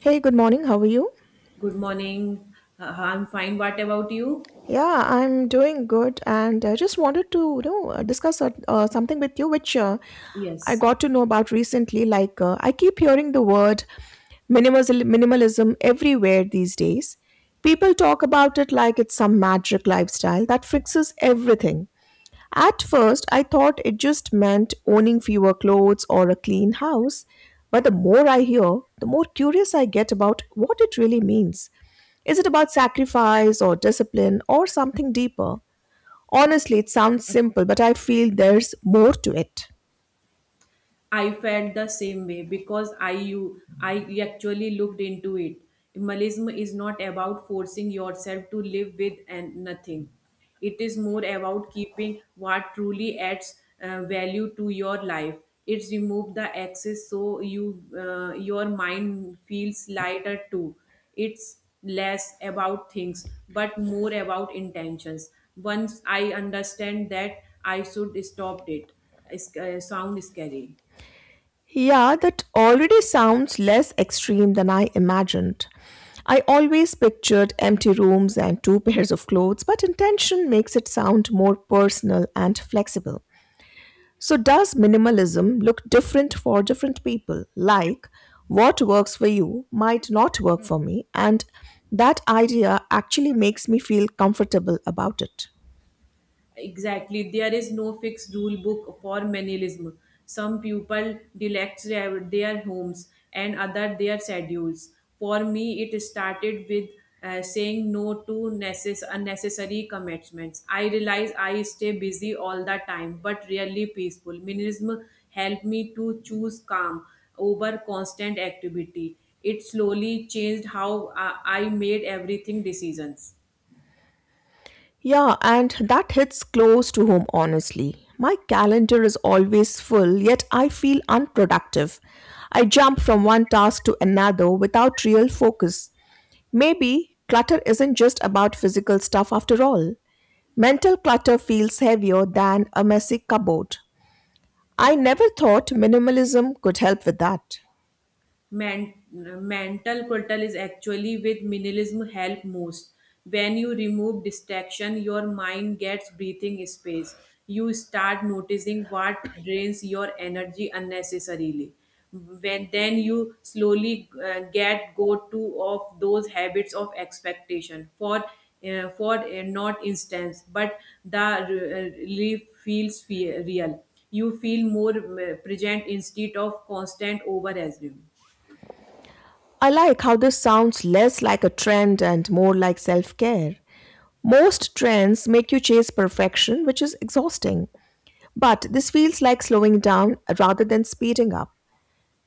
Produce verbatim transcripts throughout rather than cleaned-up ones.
Hey, good morning. How are you? Good morning. Uh, I'm fine. What about you? Yeah, I'm doing good, and I just wanted to, you know, uh, discuss uh, uh, something with you, which uh, I Yes. got to know about recently. Like, uh, I keep hearing the word minimalism, minimalism everywhere these days. People talk about it like it's some magic lifestyle that fixes everything. At first, I thought it just meant owning fewer clothes or a clean house, but the more I hear, the more curious I get about what it really means. Is it about sacrifice or discipline or something deeper? Honestly, it sounds simple, but I feel there's more to it. I felt the same way because I you I actually looked into it. Minimalism is not about forcing yourself to live with and nothing. It is more about keeping what truly adds uh, value to your life. It's remove the excess so you uh, your mind feels lighter too. It's less about things but more about intentions. Once I understand that, I should stop it. It's, uh, sound scary. Yeah, that already sounds less extreme than I imagined. I always pictured empty rooms and two pairs of clothes, but intention makes it sound more personal and flexible. So, does minimalism look different for different people? Like, what works for you might not work for me, and that idea actually makes me feel comfortable about it. Exactly. There is no fixed rule book for minimalism. Some people select their their homes and other their schedules. For me, it started with uh, saying no to necess- unnecessary commitments. I realize I stay busy all the time, but rarely peaceful. Minimalism helped me to choose calm over constant activity. It slowly changed how uh, I made everything decisions. Yeah, and that hits close to home, honestly. My calendar is always full, yet I feel unproductive. I jump from one task to another without real focus. Maybe clutter isn't just about physical stuff after all. Mental clutter feels heavier than a messy cupboard. I never thought minimalism could help with that. men- Mental portal is actually with minimalism help most. When you remove distraction, your mind gets breathing space. You start noticing what drains your energy unnecessarily. When then you slowly uh, get go to of those habits of expectation for uh, for uh, not instance but the re- relief feels fe- real. You feel more uh, present instead of constant over assume. I like how this sounds less like a trend and more like self care. Most trends make you chase perfection, which is exhausting, but this feels like slowing down rather than speeding up.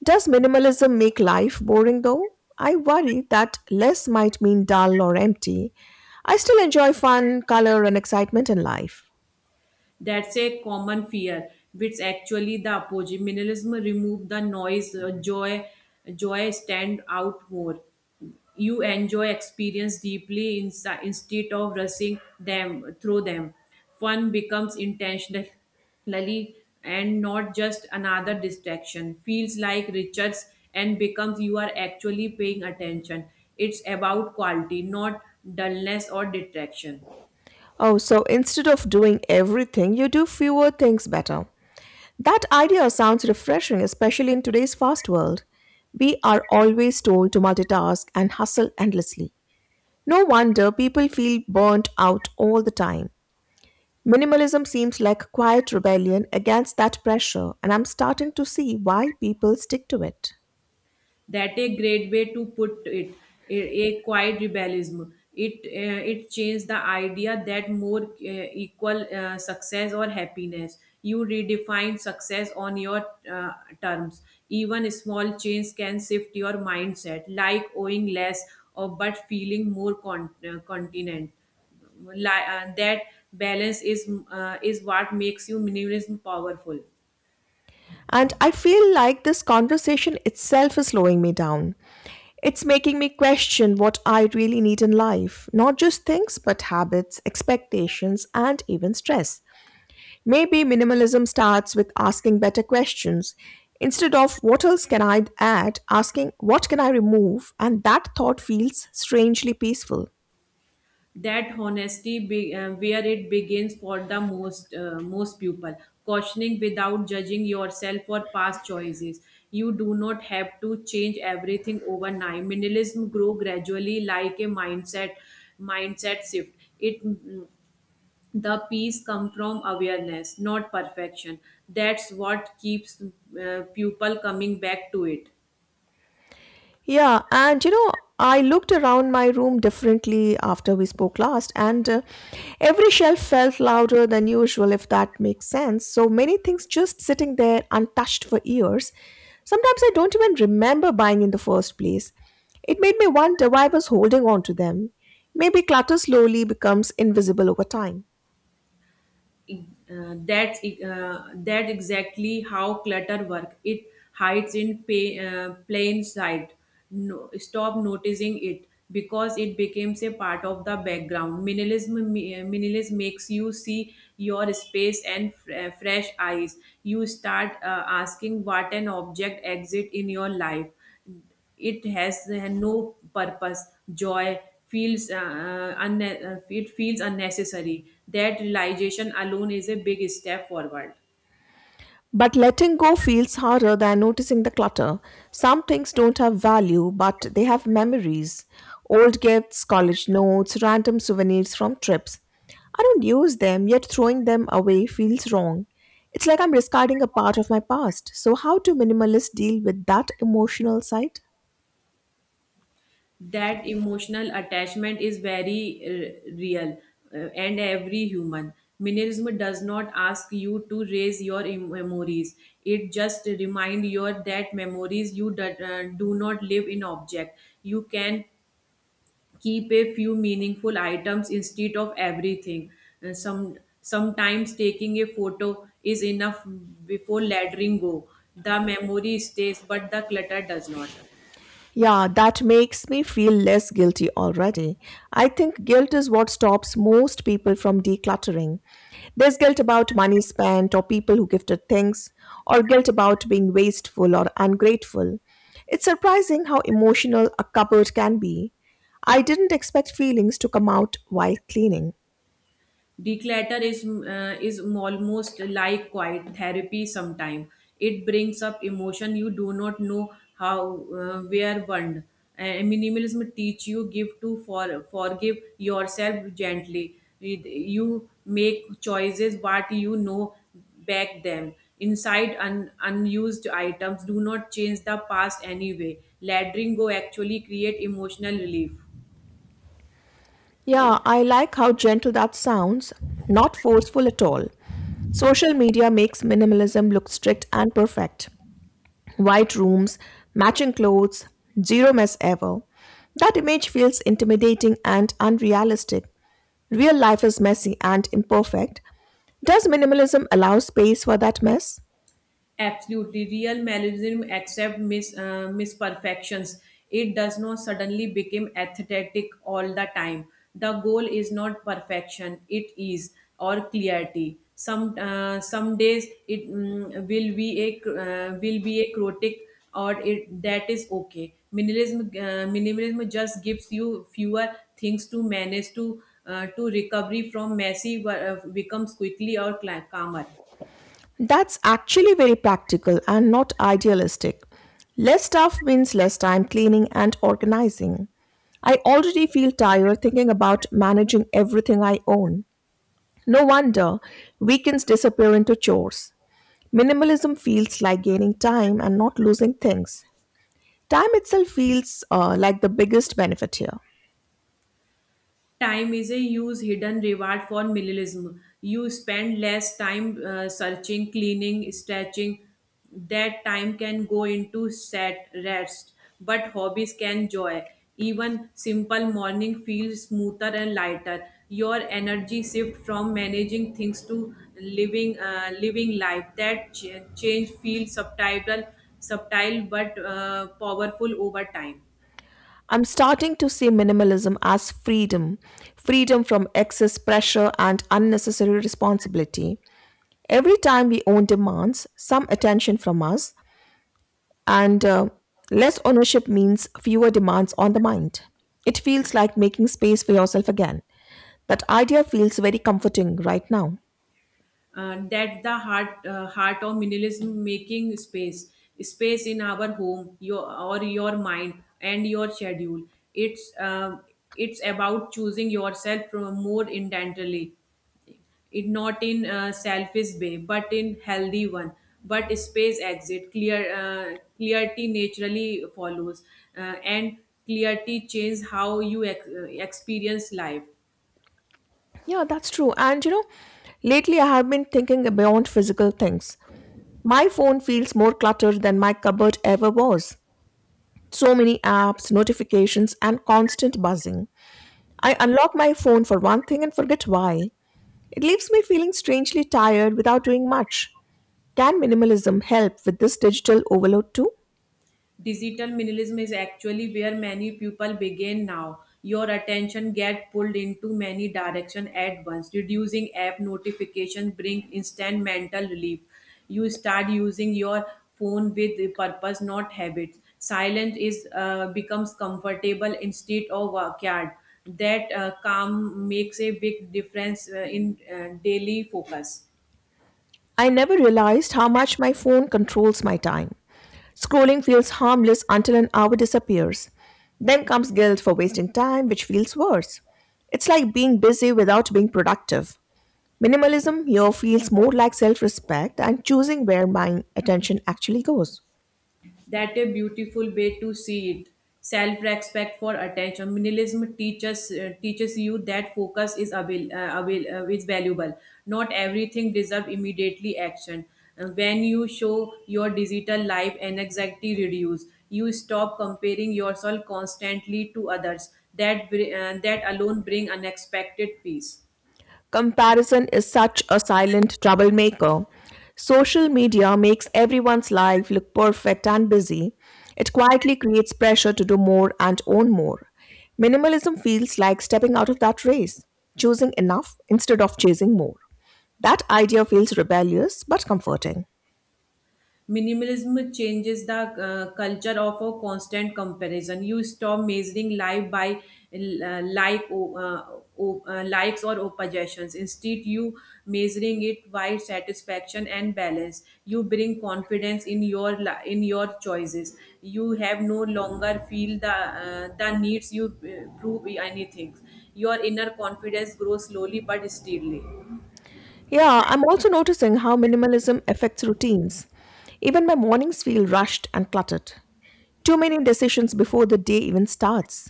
Does minimalism make life boring though? I worry that less might mean dull or empty. I still enjoy fun, color, and excitement in life. That's a common fear, which actually the opposite. Minimalism remove the noise, uh, joy, joy stand out more. You enjoy experience deeply insi- instead of rushing them through them. Fun becomes intentionally and not just another distraction. Feels like Richards and becomes you are actually paying attention. It's about quality, not dullness or detraction. Oh, so instead of doing everything, you do fewer things better. That idea sounds refreshing, especially in today's fast world. We are always told to multitask and hustle endlessly. No wonder people feel burnt out all the time. Minimalism seems like quiet rebellion against that pressure, and I'm starting to see why people stick to it. That a great way to put it. A, a quiet rebellism, it uh, it changed the idea that more uh, equal uh, success or happiness. You redefine success on your uh, terms. Even small change can shift your mindset, like owing less or but feeling more con- uh, continent. Li- uh, that balance is uh, is what makes you minimalism powerful. And I feel like this conversation itself is slowing me down. It's making me question what I really need in life, not just things, but habits, expectations, and even stress. Maybe minimalism starts with asking better questions. Instead of what else can I add, asking what can I remove, and that thought feels strangely peaceful. That honesty be, uh, where it begins for the most uh, most people. Cautioning without judging yourself for past choices. You do not have to change everything overnight. Minimalism grow gradually, like a mindset. Mindset shift, it mm, the peace come from awareness, not perfection. That's what keeps uh, people coming back to it. Yeah, and you know, I looked around my room differently after we spoke last, and uh, every shelf felt louder than usual, if that makes sense. So many things just sitting there untouched for years. Sometimes I don't even remember buying in the first place. It made me wonder why I was holding on to them. Maybe clutter slowly becomes invisible over time. Uh, that's uh, that's exactly how clutter work. It hides in pay, uh, plain sight. No, stop noticing it because it becomes a part of the background. Minimalism mi- uh, minimalism makes you see your space and fr- uh, fresh eyes. You start uh, asking what an object exit in your life. It has uh, no purpose. Joy feels uh, uh, unne- uh, it feels unnecessary. That realization alone is a big step forward. But letting go feels harder than noticing the clutter. Some things don't have value, but they have memories old gifts, college notes, random souvenirs from trips. I don't use them, yet throwing them away feels wrong. It's like I'm discarding a part of my past. So, how do minimalists deal with that emotional side? That emotional attachment is very uh, real, uh, and every human. Minimalism does not ask you to raise your em- memories. It just remind you that memories you do, uh, do not live in object. You can keep a few meaningful items instead of everything. And some sometimes taking a photo is enough before letting go. The memory stays, but the clutter does not. Yeah, that makes me feel less guilty already. I think guilt is what stops most people from decluttering. There's guilt about money spent, or people who gifted things, or guilt about being wasteful or ungrateful. It's surprising how emotional a cupboard can be. I didn't expect feelings to come out while cleaning. Declutter is uh, is almost like quiet therapy sometime. It brings up emotion you do not know how uh, where burned. And minimalism teach you give to for forgive yourself gently. It- you make choices, but you know, back them inside un- unused items do not change the past anyway. Letting go actually create emotional relief. Yeah, I like how gentle that sounds, not forceful at all. Social media makes minimalism look strict and perfect. White rooms, matching clothes, zero mess ever. That image feels intimidating and unrealistic. Real life is messy and imperfect. Does minimalism allow space for that mess? Absolutely, real Marxism accepts mis, uh, misperfections. It does not suddenly become aesthetic all the time. The goal is not perfection; it is or clarity. Some uh, some days it mm, will be a cr- uh, will be a chaotic, or it that is okay. Minimalism uh, minimalism just gives you fewer things to manage to uh, to recovery from messy uh, becomes quickly or cla- calmer. That's actually very practical and not idealistic. Less stuff means less time cleaning and organizing. I already feel tired thinking about managing everything I own. No wonder weekends disappear into chores. Minimalism feels like gaining time and not losing things. Time itself feels uh, like the biggest benefit here. Time is a huge hidden reward for minimalism. You spend less time uh, searching, cleaning, stretching. That time can go into set rest, but hobbies can joy. Even simple morning feels smoother and lighter. Your energy shift from managing things to living uh, living life. That ch- change feels subtle, subtle but uh, powerful over time. I'm starting to see minimalism as freedom freedom from excess pressure and unnecessary responsibility. Every time we own demands, some attention from us, and uh, less ownership means fewer demands on the mind. It feels like making space for yourself again. That idea feels very comforting right now. Uh, that the heart uh, heart of minimalism, making space, space in our home, your or your mind, and your schedule. It's um, it's about choosing yourself from more intentionally. It not in a selfish way but in healthy one. But space exit clear, uh, clarity naturally follows. Uh, and clarity changes how you ex- uh, experience life. Yeah, that's true. And you know, lately I have been thinking beyond physical things. My phone feels more cluttered than my cupboard ever was. So many apps, notifications, and constant buzzing. I unlock my phone for one thing and forget why. It leaves me feeling strangely tired without doing much. Can minimalism help with this digital overload too? Digital minimalism is actually where many people begin now. Your attention get pulled into many directions at once. Reducing app notification bring instant mental relief. You start using your phone with the purpose, not habits. Silence is uh, becomes comfortable instead of backyard. That uh, calm makes a big difference uh, in uh, daily focus. I never realized how much my phone controls my time. Scrolling feels harmless until an hour disappears. Then comes guilt for wasting time, which feels worse. It's like being busy without being productive. Minimalism here feels more like self respect and choosing where my attention actually goes. That a beautiful way to see it. Self-respect for attention. Minimalism teaches uh, teaches you that focus is avail, uh, avail, uh, is valuable. Not everything deserves immediately action. Uh, when you show your digital life and anxiety reduce, you stop comparing yourself constantly to others. That br- uh, that alone bring unexpected peace. Comparison is such a silent troublemaker. Social media makes everyone's life look perfect and busy. It quietly creates pressure to do more and own more. Minimalism feels like stepping out of that race, choosing enough instead of chasing more. That idea feels rebellious but comforting. Minimalism changes the uh, culture of a constant comparison. You stop measuring life by uh, like o- uh, o- uh, likes or possessions. Instead, you measuring it by satisfaction and balance. You bring confidence in your li- in your choices. You have no longer feel the uh, the needs you uh, prove anything. Your inner confidence grows slowly but steadily. Yeah, I'm also noticing how minimalism affects routines. Even my mornings feel rushed and cluttered. Too many decisions before the day even starts.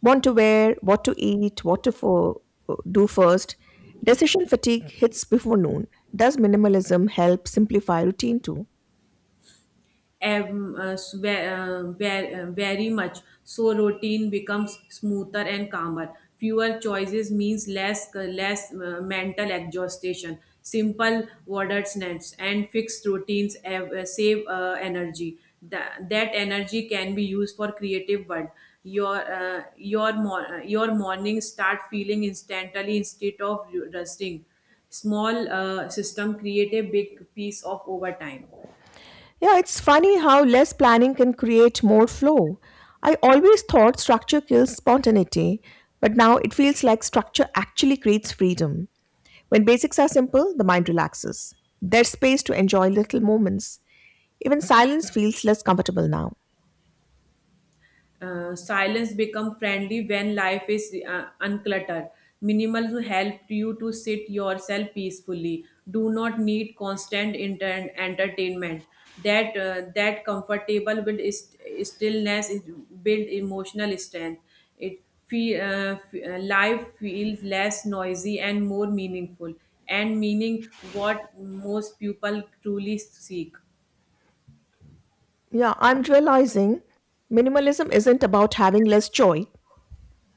What to wear, what to eat, what to fo- do first. Decision fatigue hits before noon. Does minimalism help simplify routine too? Em- uh, s- ve- uh, ve- uh, very much so, routine becomes smoother and calmer. Fewer choices means less uh, less uh, mental exhaustion. Simple wordsnets and fixed routines have, uh, save uh, energy. Tha- that energy can be used for creative work. Your uh, your mor- your morning start feeling instantly instead of rusting. Small uh, system create a big piece of overtime. Yeah, it's funny how less planning can create more flow. I always thought structure kills spontaneity, but now it feels like structure actually creates freedom. When basics are simple, the mind relaxes. There's space to enjoy little moments. Even silence feels less comfortable now. Uh, silence become friendly when life is uh, uncluttered. Minimal will help you to sit yourself peacefully. Do not need constant inter- entertainment. That uh, that comfortable with is- stillness is build emotional strength. It feel, uh, f- uh, life feels less noisy and more meaningful, and meaning what most people truly seek. Yeah, I'm realizing minimalism isn't about having less joy,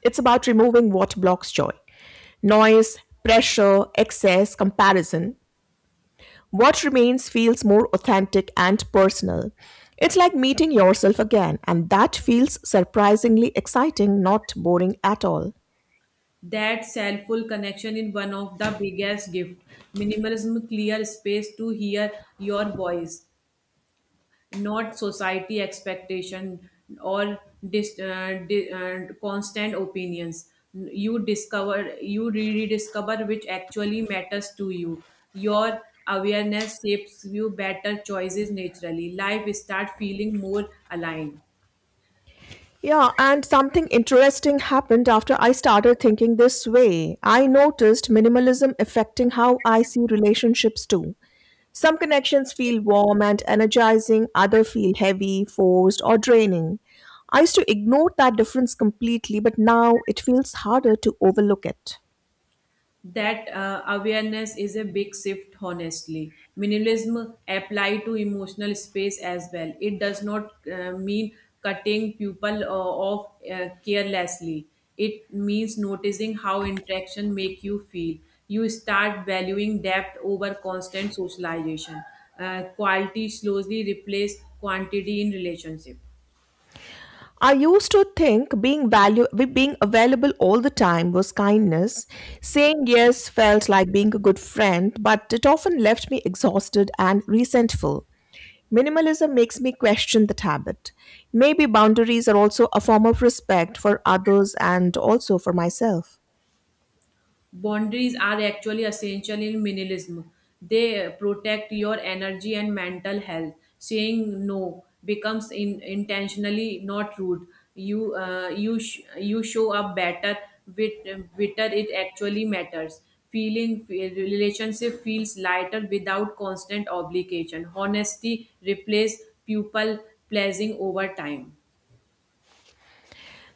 it's about removing what blocks joy noise, pressure, excess, comparison. What remains feels more authentic and personal. It's like meeting yourself again, and that feels surprisingly exciting, not boring at all. That self-full connection is one of the biggest gift. Minimalism clear space to hear your voice, not society expectation, or dis- uh, di- uh, constant opinions. You discover, you re- rediscover which actually matters to you. Your awareness shapes you better choices naturally. Life start feeling more aligned. Yeah, and something interesting happened after I started thinking this way. I noticed minimalism affecting how I see relationships too. Some connections feel warm and energizing, others feel heavy, forced, or draining. I used to ignore that difference completely, but now it feels harder to overlook it. That uh, awareness is a big shift, honestly. Minimalism apply to emotional space as well. It does not uh, mean cutting people uh, off uh, carelessly. It means noticing how interaction make you feel. You start valuing depth over constant socialization. Uh, quality slowly replace quantity in relationship. I used to think being value being available all the time was kindness. Saying yes felt like being a good friend, but it often left me exhausted and resentful. Minimalism makes me question that habit. Maybe boundaries are also a form of respect for others and also for myself. Boundaries are actually essential in minimalism. They protect your energy and mental health. Saying no becomes in, intentionally, not rude. You uh, you sh- you show up better with better it actually matters. Feeling relationship feels lighter without constant obligation. Honesty replaces people pleasing over time.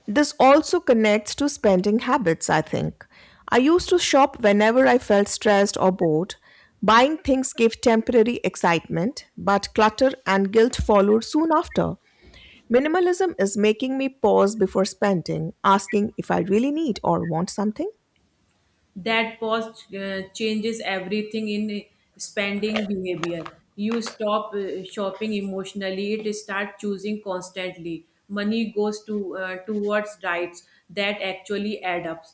This also connects to spending habits, I think. I used to shop whenever I felt stressed or bored. Buying things gave temporary excitement, but clutter and guilt followed soon after. Minimalism is making me pause before spending, asking if I really need or want something. that pause uh, changes everything in spending behavior. You stop uh, shopping emotionally. It start choosing constantly. Money goes to uh, towards rights that actually add up.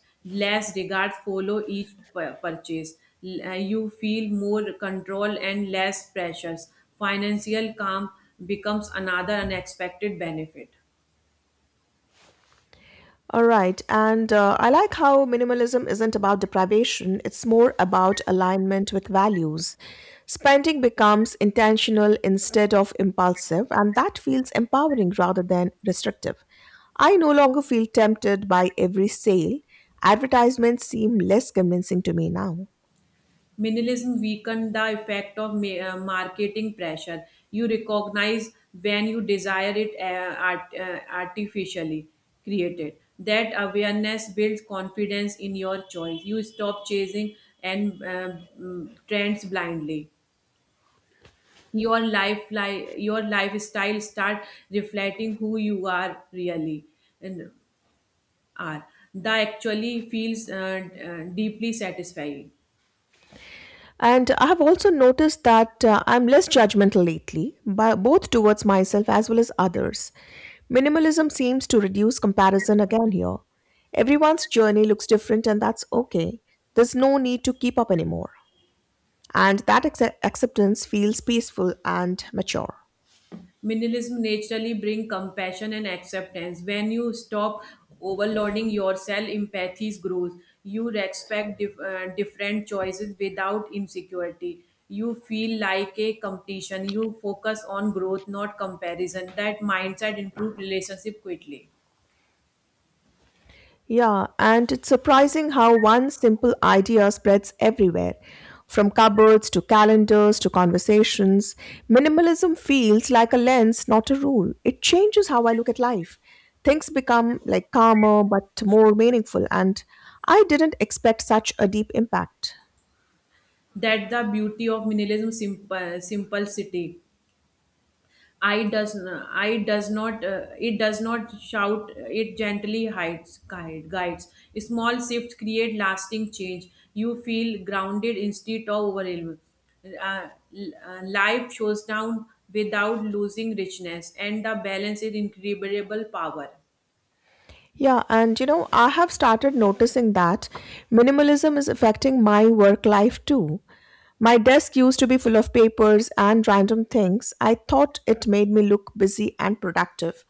Less regards follow each pu- purchase. L- uh, you feel more control and less pressures. Financial calm becomes another unexpected benefit. All right. And uh, I like how minimalism isn't about deprivation, it's more about alignment with values. Spending becomes intentional instead of impulsive, and that feels empowering rather than restrictive. I no longer feel tempted by every sale. Advertisements seem less convincing to me now. Minimalism weakened the effect of ma- uh, marketing pressure. You recognize when you desire it uh, art- uh, artificially created. That awareness builds confidence in your choice. You stop chasing and uh, mm, trends blindly. Your life, li- your lifestyle start reflecting who you are really and are. That actually feels uh, d- uh, deeply satisfying. And I have also noticed that uh, I'm less judgmental lately, by, both towards myself as well as others. Minimalism seems to reduce comparison again here. Everyone's journey looks different, and that's okay. There's no need to keep up anymore. And that acce- acceptance feels peaceful and mature. Minimalism naturally brings compassion and acceptance. When you stop overloading yourself, empathy grows. You respect dif- uh, different choices without insecurity. You feel like a competition. You focus on growth, not comparison. That mindset improves relationship quickly. Yeah, and it's surprising how one simple idea spreads everywhere. From cupboards to calendars to conversations, minimalism feels like a lens, not a rule. It changes how I look at life. Things become like calmer but more meaningful, and I didn't expect such a deep impact. That's the beauty of minimalism, simple, simplicity. I does not, I does not, uh, It does not shout, it gently hides, guide, guides. Small shifts create lasting change. You feel grounded instead of overwhelmed. Uh, l- uh, Life shows down without losing richness, and the balance is incredible power. Yeah, and you know, I have started noticing that minimalism is affecting my work life too. My desk used to be full of papers and random things. I thought it made me look busy and productive.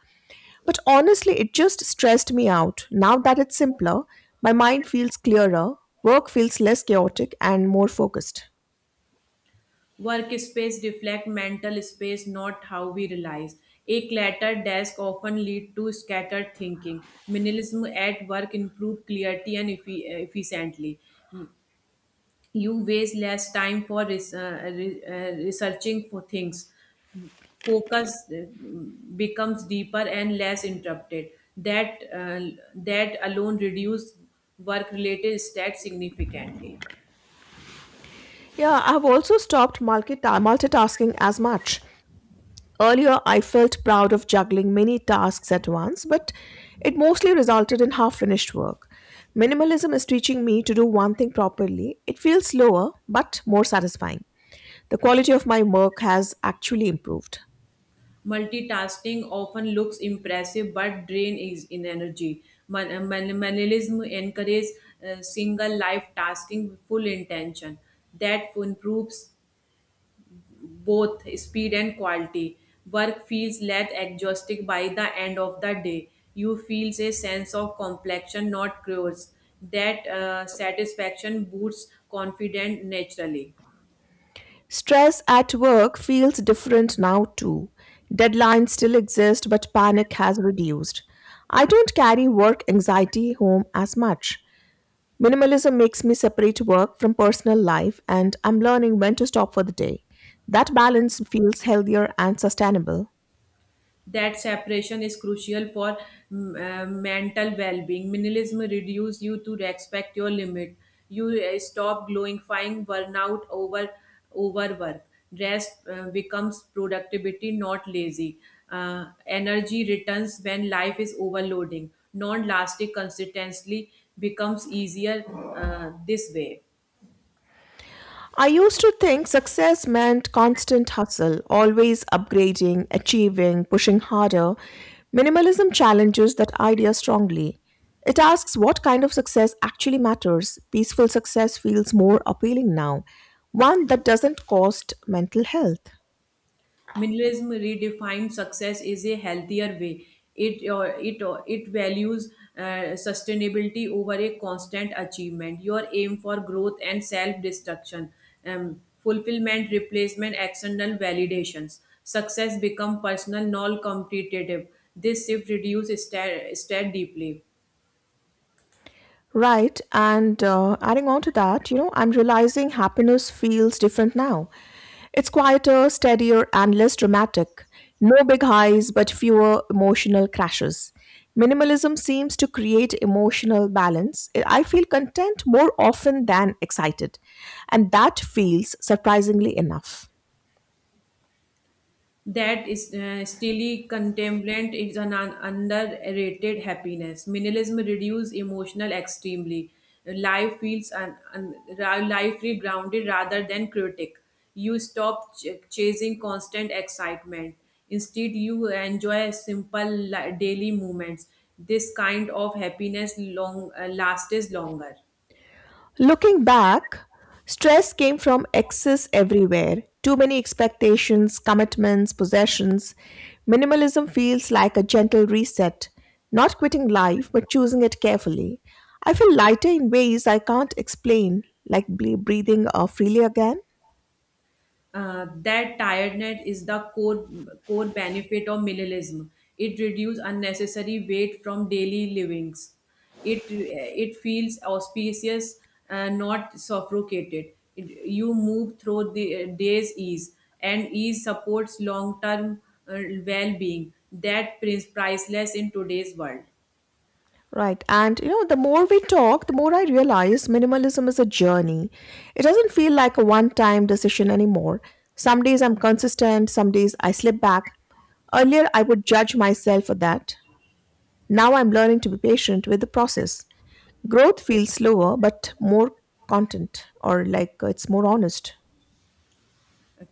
But honestly, it just stressed me out. Now that it's simpler, my mind feels clearer, work feels less chaotic, and more focused. Workspace reflect mental space, not how we realize. A cluttered desk often lead to scattered thinking. Minimalism at work improve clarity and effi- efficiently. You waste less time for res- uh, re- uh, researching for things. Focus uh, becomes deeper and less interrupted. That uh, that alone reduce work related stress significantly. Yeah, I've also stopped multita- multitasking as much. Earlier, I felt proud of juggling many tasks at once, but it mostly resulted in half finished work. Minimalism is teaching me to do one thing properly. It feels slower, but more satisfying. The quality of my work has actually improved. Multitasking often looks impressive but drain is in energy. Man- uh, man- minimalism encourages uh, single life tasking with full intention. That improves both speed and quality. Work feels less exhausting by the end of the day. You feel a sense of completion, not chores. That uh, satisfaction boosts confidence naturally. Stress at work feels different now too. Deadlines still exist, but panic has reduced. I don't carry work anxiety home as much. Minimalism makes me separate work from personal life, and I'm learning when to stop for the day. That balance feels healthier and sustainable. That separation is crucial for mm, uh, mental well-being. Minimalism reduces you to respect your limit. You uh, stop glorifying burnout over overwork. Rest uh, becomes productivity, not lazy. Uh, energy returns when life is overloading non-lasting. Consistency becomes easier uh, this way. I used to think success meant constant hustle, always upgrading, achieving, pushing harder. Minimalism challenges that idea strongly. It asks what kind of success actually matters. Peaceful success feels more appealing now, one that doesn't cost mental health. Minimalism redefines success is a healthier way. It or it or it values uh, sustainability over a constant achievement. Your aim for growth and self destruction, um, fulfillment, replacement, external validations. Success become personal, non competitive. This shift reduces stare, stare deeply. Right. And uh, adding on to that, you know, I'm realizing happiness feels different now. It's quieter, steadier, and less dramatic. No big highs, but fewer emotional crashes. Minimalism seems to create emotional balance. I feel content more often than excited. And that feels surprisingly enough. That is uh, steely contemplation is an un- underrated happiness. Minimalism reduces emotional extremely. Life feels un- un- ra- Life feel grounded rather than critic. You stop ch- chasing constant excitement. Instead, you enjoy simple li- daily moments. This kind of happiness long uh, lasts longer. Looking back, stress came from excess everywhere, too many expectations, commitments, possessions. Minimalism feels like a gentle reset, not quitting life, but choosing it carefully. I feel lighter in ways I can't explain, like ble- breathing uh, freely again. Uh, that tiredness is the core core benefit of minimalism. It reduces unnecessary weight from daily livings. It it feels auspicious, uh, not suffocated. It- you move through the uh, day's ease, and ease supports long term uh, well being. That is priceless in today's world. Right. And you know, the more we talk, the more I realize minimalism is a journey. It doesn't feel like a one time decision anymore. Some days I'm consistent, some days I slip back. Earlier, I would judge myself for that. Now I'm learning to be patient with the process. Growth feels slower, but more content, or like uh, it's more honest.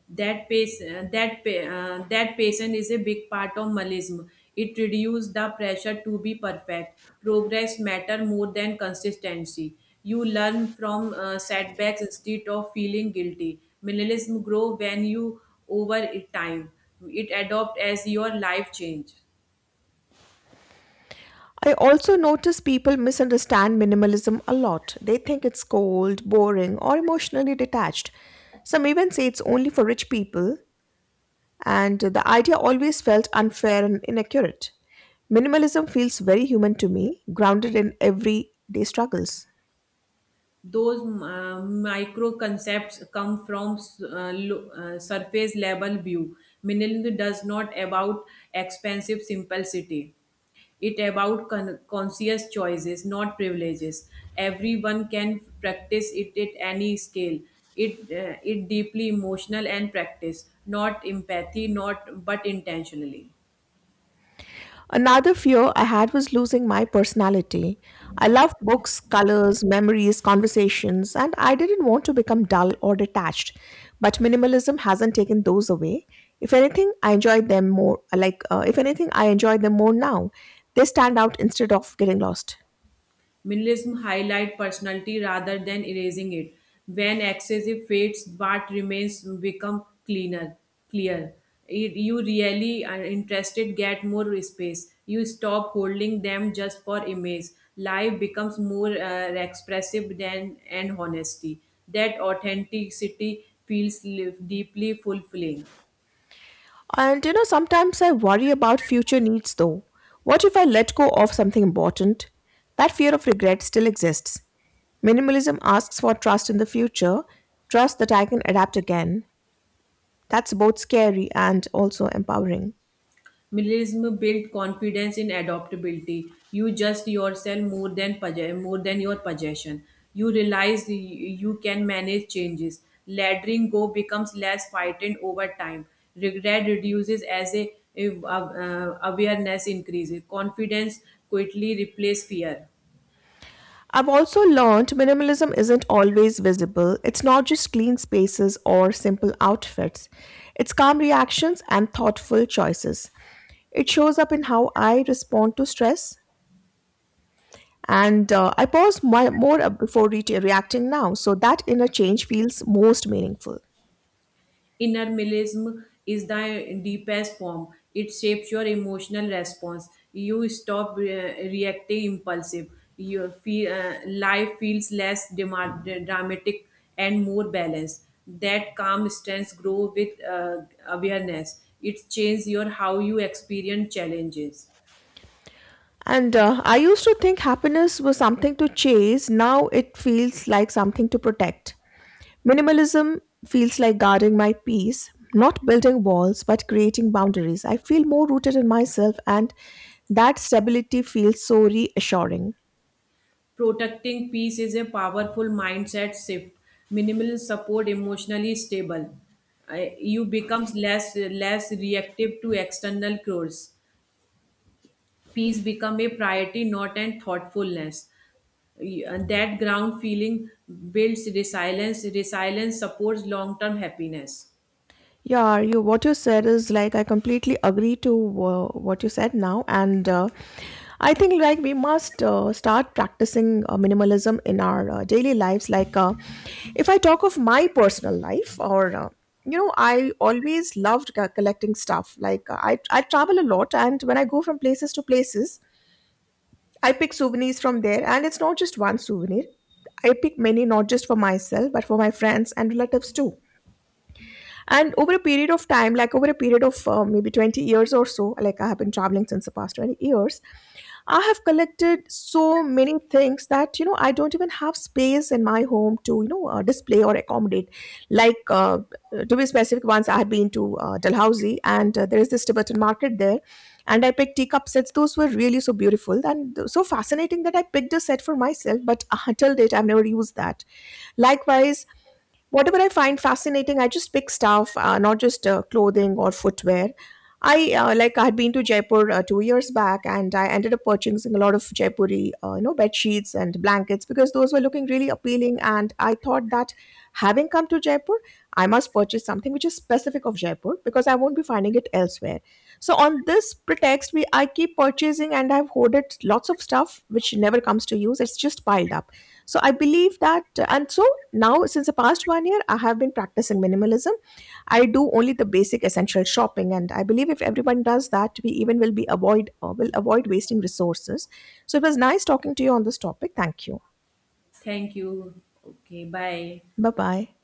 That pace uh, that pa- uh, That patience is a big part of Malayism. It reduces the pressure to be perfect. Progress matter more than consistency. You learn from uh, setbacks instead of feeling guilty. Minimalism grow when you over it time. It adopt as your life change. I also notice people misunderstand minimalism a lot. They think it's cold, boring, or emotionally detached. Some even say it's only for rich people, and the idea always felt unfair and inaccurate. Minimalism feels very human to me, grounded in everyday struggles. those uh, micro concepts come from uh, lo- uh, surface level view. Minimalism does not about expensive simplicity. It about con- conscious choices, not privileges. Everyone can practice it at any scale. It uh, it deeply emotional and practice, not empathy, not but intentionally. Another fear I had was losing my personality. I loved books, colors, memories, conversations, and I didn't want to become dull or detached. But minimalism hasn't taken those away. If anything, I enjoy them more. Like, uh, if anything, I enjoy them more now. They stand out instead of getting lost. Minimalism highlights personality rather than erasing it. When excessive fades, what remains become cleaner, clear. It- You really are interested, get more space. You stop holding them just for image. Life becomes more uh, expressive than and honesty. That authenticity feels li- deeply fulfilling. And you know, sometimes I worry about future needs though. What if I let go of something important? That fear of regret still exists. Minimalism asks for trust in the future, trust that I can adapt again. That's both scary and also empowering. Minimalism builds confidence in adaptability. You just yourself more than possess- more than your possession. You realize y- you can manage changes. Letting go becomes less frightened over time. Regret reduces as a, a- uh, awareness increases. Confidence quickly replaces fear. I've also learned minimalism isn't always visible. It's not just clean spaces or simple outfits. It's calm reactions and thoughtful choices. It shows up in how I respond to stress. And uh, I pause my, more uh, before re- reacting now, so that inner change feels most meaningful. Inner minimalism is the deepest form. It shapes your emotional response. You stop re- reacting impulsive. Your feel, uh, life feels less dema- dramatic and more balanced. That calm stance grow with uh, awareness. It changes your how you experience challenges. And uh, I used to think happiness was something to chase, now it feels like something to protect. Minimalism feels like guarding my peace, not building walls, but creating boundaries. I feel more rooted in myself, and that stability feels so reassuring. Protecting peace is a powerful mindset shift. Minimal support emotionally stable. I- You becomes less less reactive to external cues. Peace become a priority, not an thoughtfulness. Y- and That ground feeling builds resilience. Resilience supports long term happiness. Yeah, you what you said is like I completely agree to uh, what you said now, and uh, I think like we must uh, start practicing uh, minimalism in our uh, daily lives. Like uh, if I talk of my personal life, or uh, you know, I always loved co- collecting stuff. Like uh, I I travel a lot, and when I go from places to places, I pick souvenirs from there, and it's not just one souvenir. I pick many, not just for myself, but for my friends and relatives too. And over a period of time, like over a period of uh, maybe twenty years or so, like I have been traveling since the past twenty years. I have collected so many things that, you know, I don't even have space in my home to, you know, uh, display or accommodate. Like, uh, to be specific, once I had been to uh, Dalhousie, and uh, there is this Tibetan market there, and I picked teacup sets. Those were really so beautiful and so fascinating that I picked a set for myself, but uh, till date, I've never used that. Likewise, whatever I find fascinating, I just pick stuff, uh, not just uh, clothing or footwear. I uh, Like I had been to Jaipur uh, two years back, and I ended up purchasing a lot of Jaipuri, uh, you know, bed sheets and blankets because those were looking really appealing. And I thought that having come to Jaipur, I must purchase something which is specific of Jaipur because I won't be finding it elsewhere. So on this pretext, we I keep purchasing, and I've hoarded lots of stuff which never comes to use. It's just piled up. So I believe that, and so now since the past one year, I have been practicing minimalism. I do only the basic essential shopping, and I believe if everyone does that, we even will be avoid uh, will avoid wasting resources. So it was nice talking to you on this topic. Thank you. Thank you. Okay, bye. Bye bye.